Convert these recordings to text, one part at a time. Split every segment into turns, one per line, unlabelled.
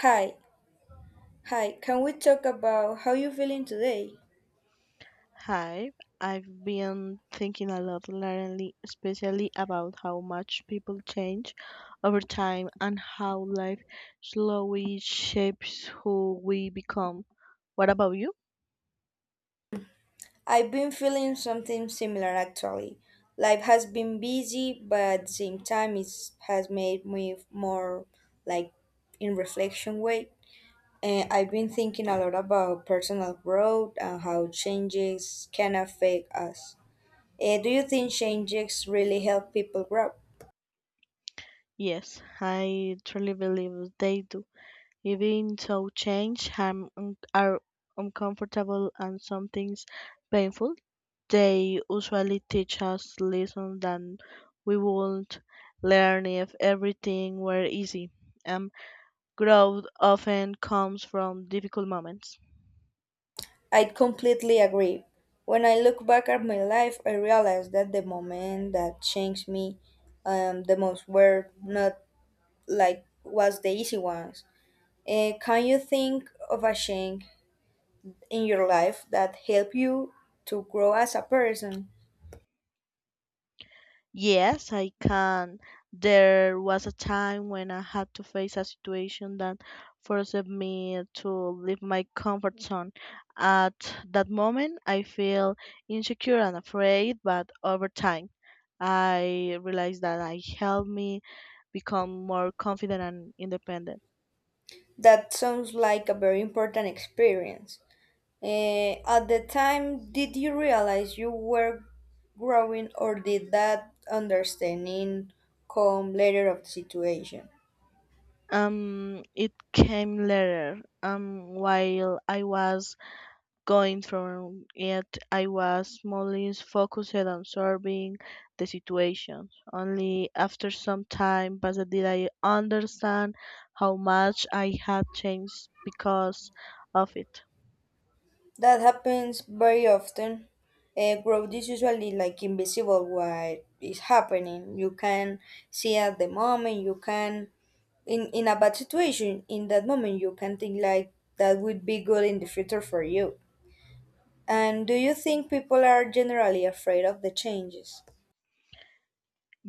Hi, hi, can we talk about how you are feeling today?
Hi, I've been thinking a lot lately, especially about how much people change over time and how life slowly shapes who we become. What about you?
I've been feeling something similar actually. Life has been busy, but at the same time, it has made me more like in reflection way. And I've been thinking a lot about personal growth and how changes can affect us. Do you think changes really help people grow?
Yes, I truly believe they do. Even so, change are uncomfortable and some things painful. They usually teach us lessons that we wouldn't learn if everything were easy. And growth often comes from difficult moments.
I completely agree. When I look back at my life, I realize that the moment that changed me the most were not like was the easy ones. Can you think of a change in your life that helped you to grow as a person?
Yes, I can. There was a time when I had to face a situation that forced me to leave my comfort zone. At that moment, I feel insecure and afraid, but over time, I realized that I helped me become more confident and independent.
That sounds like a very important experience. At the time, did you realize you were growing, or did that understanding come later of the situation?
It came later. While I was going through it, I was mostly focused on solving the situation. Only after some time passed did I understand how much I had changed because of it.
That happens very often. Growth is usually like invisible what is happening. You can see at the moment, you can in a bad situation, in that moment you can think like that would be good in the future for you. And do you think people are generally afraid of the changes?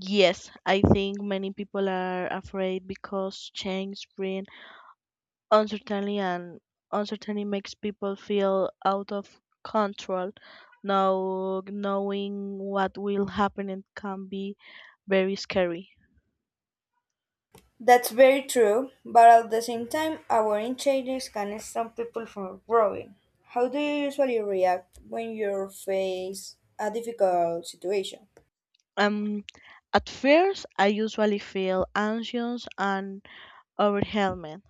Yes, I think many people are afraid because change brings uncertainty and uncertainty makes people feel out of control. Now, knowing what will happen it can be very scary.
That's very true, but at the same time, avoiding changes can stop people from growing. How do you usually react when you face a difficult situation?
Um, at first, I usually feel anxious and overwhelmed.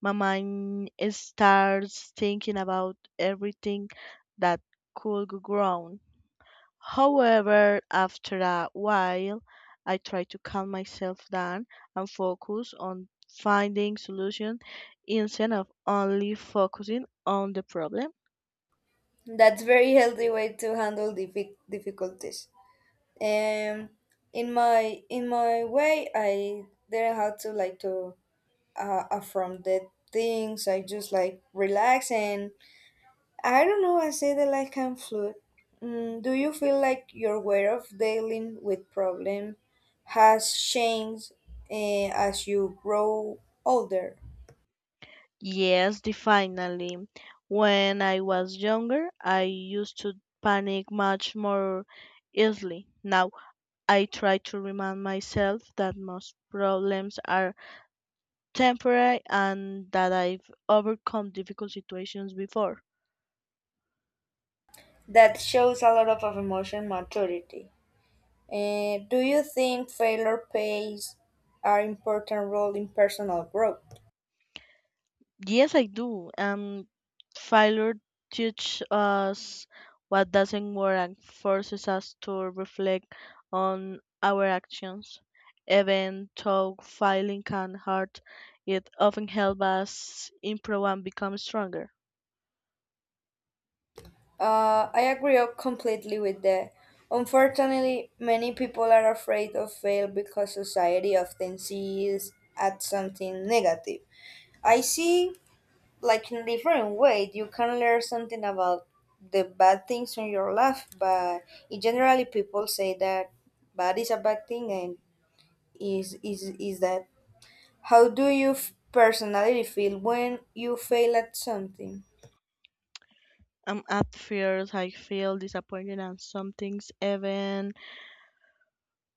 My mind starts thinking about everything that could go wrong. However, after a while, I try to calm myself down and focus on finding solutions instead of only focusing on the problem.
That's very healthy way to handle difficulties. Um, in my way, I didn't have to like to affront the things. I just like relax and I don't know. I say that like I'm fluid. Mm, do you feel like your way of dealing with problem has changed as you grow older?
Yes, definitely. When I was younger, I used to panic much more easily. Now I try to remind myself that most problems are temporary and that I've overcome difficult situations before.
That shows a lot of emotion maturity. Do you think failure plays an important role in personal growth?
Yes, I do. And failure teaches us what doesn't work and forces us to reflect on our actions. Even though failing can hurt, it often helps us improve and become stronger.
I agree completely with that. Unfortunately, many people are afraid of fail because society often sees as something negative. I see, like in a different way, you can learn something about the bad things in your life, but in generally people say that bad is a bad thing and is that. How do you personally feel when you fail at something?
At first, I feel disappointed, and some things even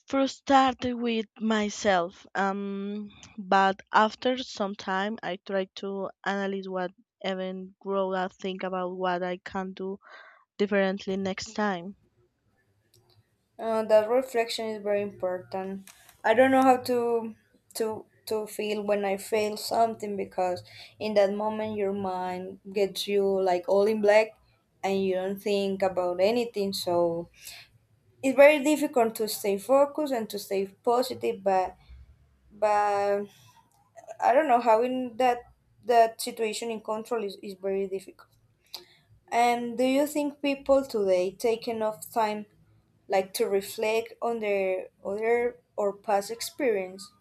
frustrated with myself. But after some time, I try to analyze what even grow up think about what I can do differently next time.
That reflection is very important. I don't know how to to feel when I fail something because in that moment your mind gets you like all in black and you don't think about anything. So it's very difficult to stay focused and to stay positive. But I don't know how in that situation in control is very difficult. And do you think people today take enough time like to reflect on their other or past experience?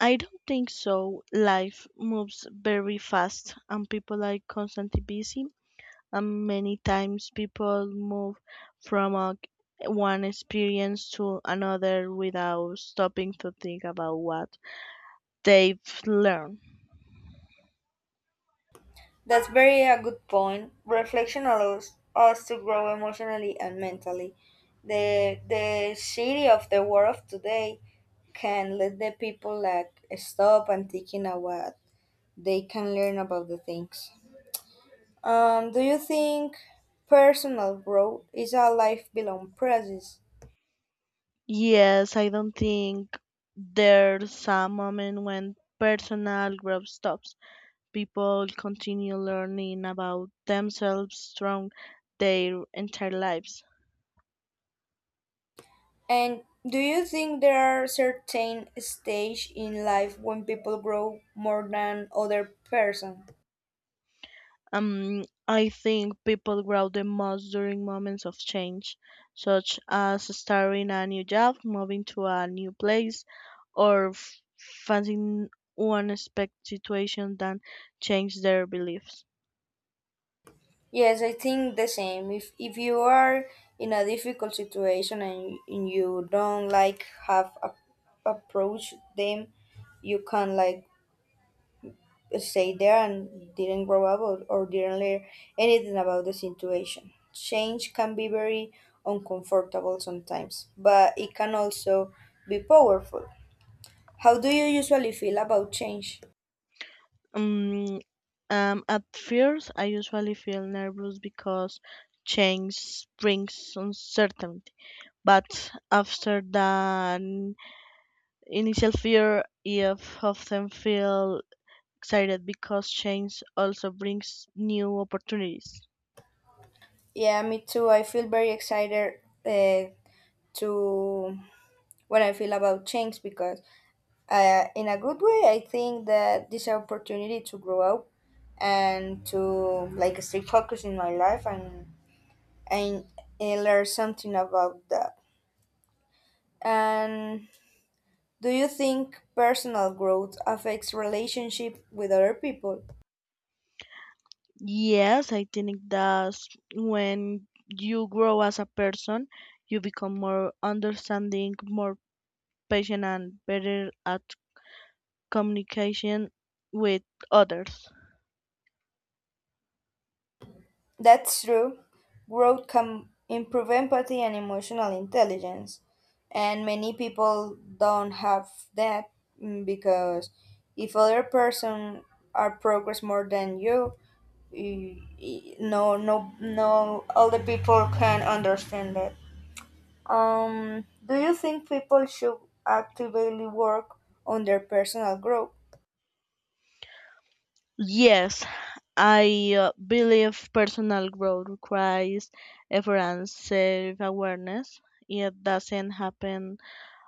I don't think so. Life moves very fast, and people are constantly busy. And many times, people move from a, one experience to another without stopping to think about what they've learned.
That's very a good point. Reflection allows us to grow emotionally and mentally. The city of the world of today can let the people like stop and thinking about what they can learn about the things. Do you think personal growth is a life belong process?
Yes, I don't think there's a moment when personal growth stops. People continue learning about themselves throughout their entire lives.
And do you think there are certain stage in life when people grow more than other person?
I think people grow the most during moments of change, such as starting a new job, moving to a new place, or facing unexpected situations that change their beliefs.
Yes, I think the same. If you are in a difficult situation and you don't like have a, approach them, you can like stay there and didn't grow up or didn't learn anything about the situation. Change can be very uncomfortable sometimes, but it can also be powerful. How do you usually feel about change?
Um, at first, I usually feel nervous because change brings uncertainty. But after the initial fear, I often feel excited because change also brings new opportunities.
Yeah, me too. I feel very excited uh, to when I feel about change because, in a good way, I think that this opportunity to grow up and to like stay focused in my life and, and learn something about that. And do you think personal growth affects relationship with other people?
Yes, I think that when you grow as a person, you become more understanding, more patient, and better at communication with others.
That's true. Growth can improve empathy and emotional intelligence, and many people don't have that mm, because if other person are progress more than you, no, no, no, all the people can understand that. Do you think people should actively work on their personal growth?
Yes, I believe personal growth requires effort and self awareness. It doesn't happen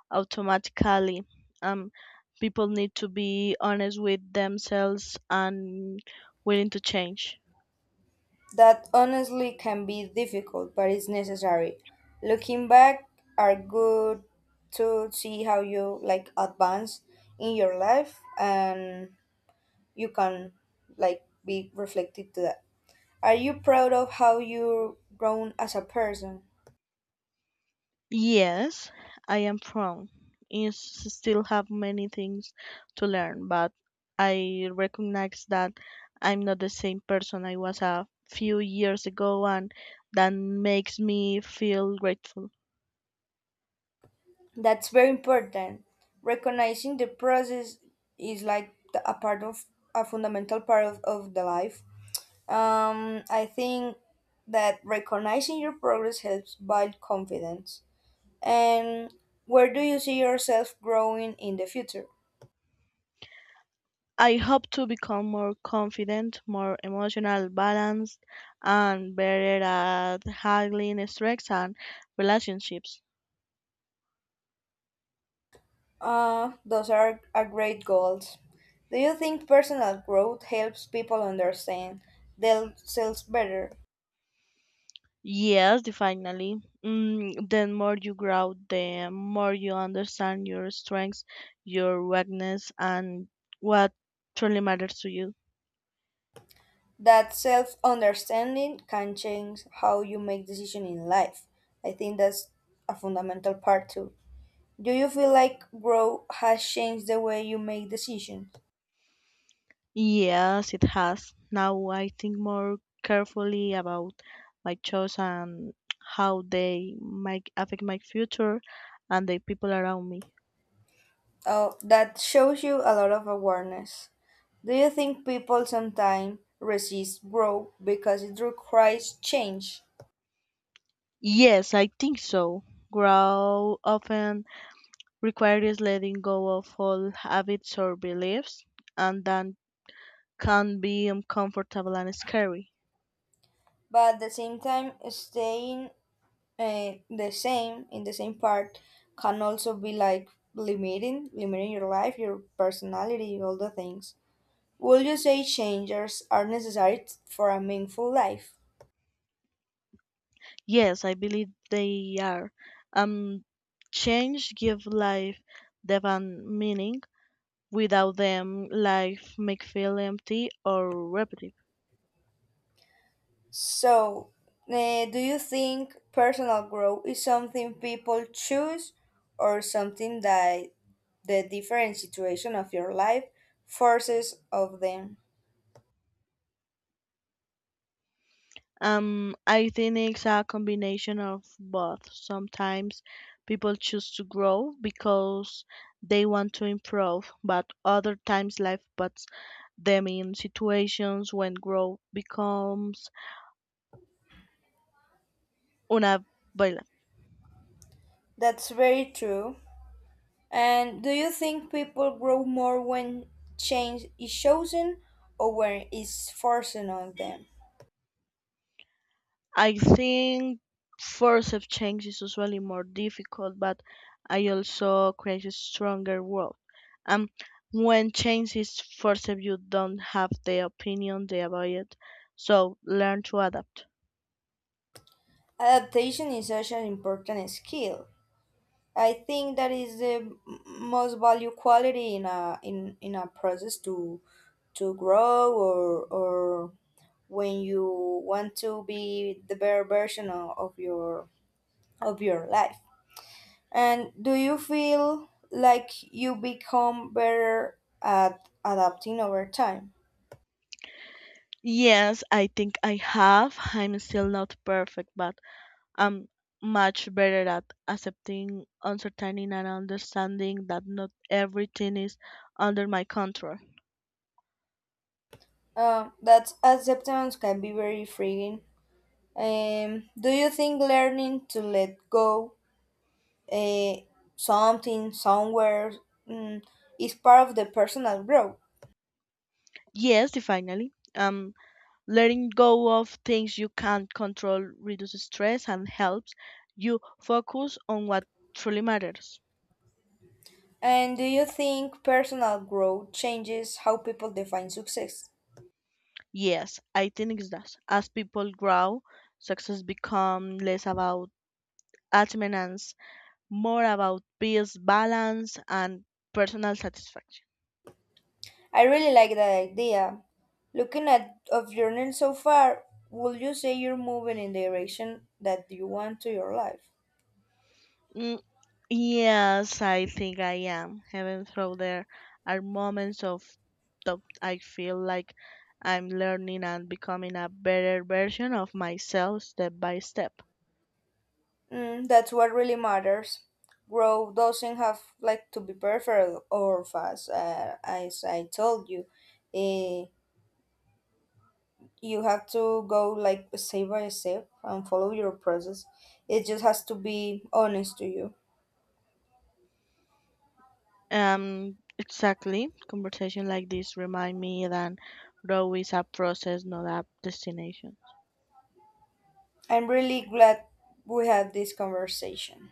automatically. Um, People need to be honest with themselves and willing to change.
That honestly can be difficult, but it's necessary. Looking back are good to see how you like advance in your life and you can like be reflected to that. Are you proud of how you've grown as a person?
Yes, I am from. I s- Still have many things to learn, but I recognize that I'm not the same person I was a few years ago, and that makes me feel grateful.
That's very important. Recognizing the process is like a part of a fundamental part of the life. I think that recognizing your progress helps build confidence. And where do you see yourself growing in the future?
I hope to become more confident, more emotional, balanced, and better at handling stress and relationships.
Those are great goals. Do you think personal growth helps people understand themselves better?
Yes, definitely. The more you grow, the more you understand your strengths, your weakness, and what truly matters to you.
That self understanding can change how you make decisions in life. I think that's a fundamental part too. Do you feel like growth has changed the way you make decisions?
Yes, it has. Now I think more carefully about my choices and how they might affect my future and the people around me.
Oh, that shows you a lot of awareness. Do you think people sometimes resist growth because it requires change,
Yes, I think so. Grow often requires letting go of all habits or beliefs, and then can be uncomfortable and scary.
but at the same time, staying the same in the same part can also be like limiting your life, your personality, all the things. Would you say changes are necessary for a meaningful life?
Yes, I believe they are. Um, Change give life depth and meaning. Without them, life may feel empty or repetitive.
So, do you think personal growth is something people choose or something that the different situation of your life forces of them?
I think it's a combination of both. Sometimes people choose to grow because they want to improve, but other times life puts them in situations when growth becomes unavailable.
That's very true. And do you think people grow more when change is chosen or when it's forced on them?
I think forceps change is usually more difficult, but I also create a stronger world. Um, when change is forceps, you don't have the opinion they about it, so learn to adapt.
Adaptation is such an important skill. I think that is the most value quality in a in a process to grow or when you want to be the better version of your of your life. And do you feel like you become better at adapting over time?
Yes, I think I have. I'm still not perfect, but I'm much better at accepting uncertainty and understanding that not everything is under my control.
That acceptance can be very freeing. Do you think learning to let go eh, something somewhere mm, is part of the personal growth?
Yes, definitely. Letting go of things you can't control reduces stress and helps you focus on what truly matters.
And do you think personal growth changes how people define success?
Yes, I think it does. As people grow, success becomes less about achievements, more about peace, balance, and personal satisfaction.
I really like that idea. Looking at of your journey so far, would you say you're moving in the direction that you want to your life?
Mm, Yes, I think I am. Even though there are moments of that I feel like I'm learning and becoming a better version of myself step by step.
Mm, that's what really matters. Growth doesn't have like to be perfect or fast, as I told you. Eh, you have to go like step by step and follow your process. It just has to be honest to you.
Exactly. Conversation like this remind me that growth is a process, not a destination.
I'm really glad we had this conversation.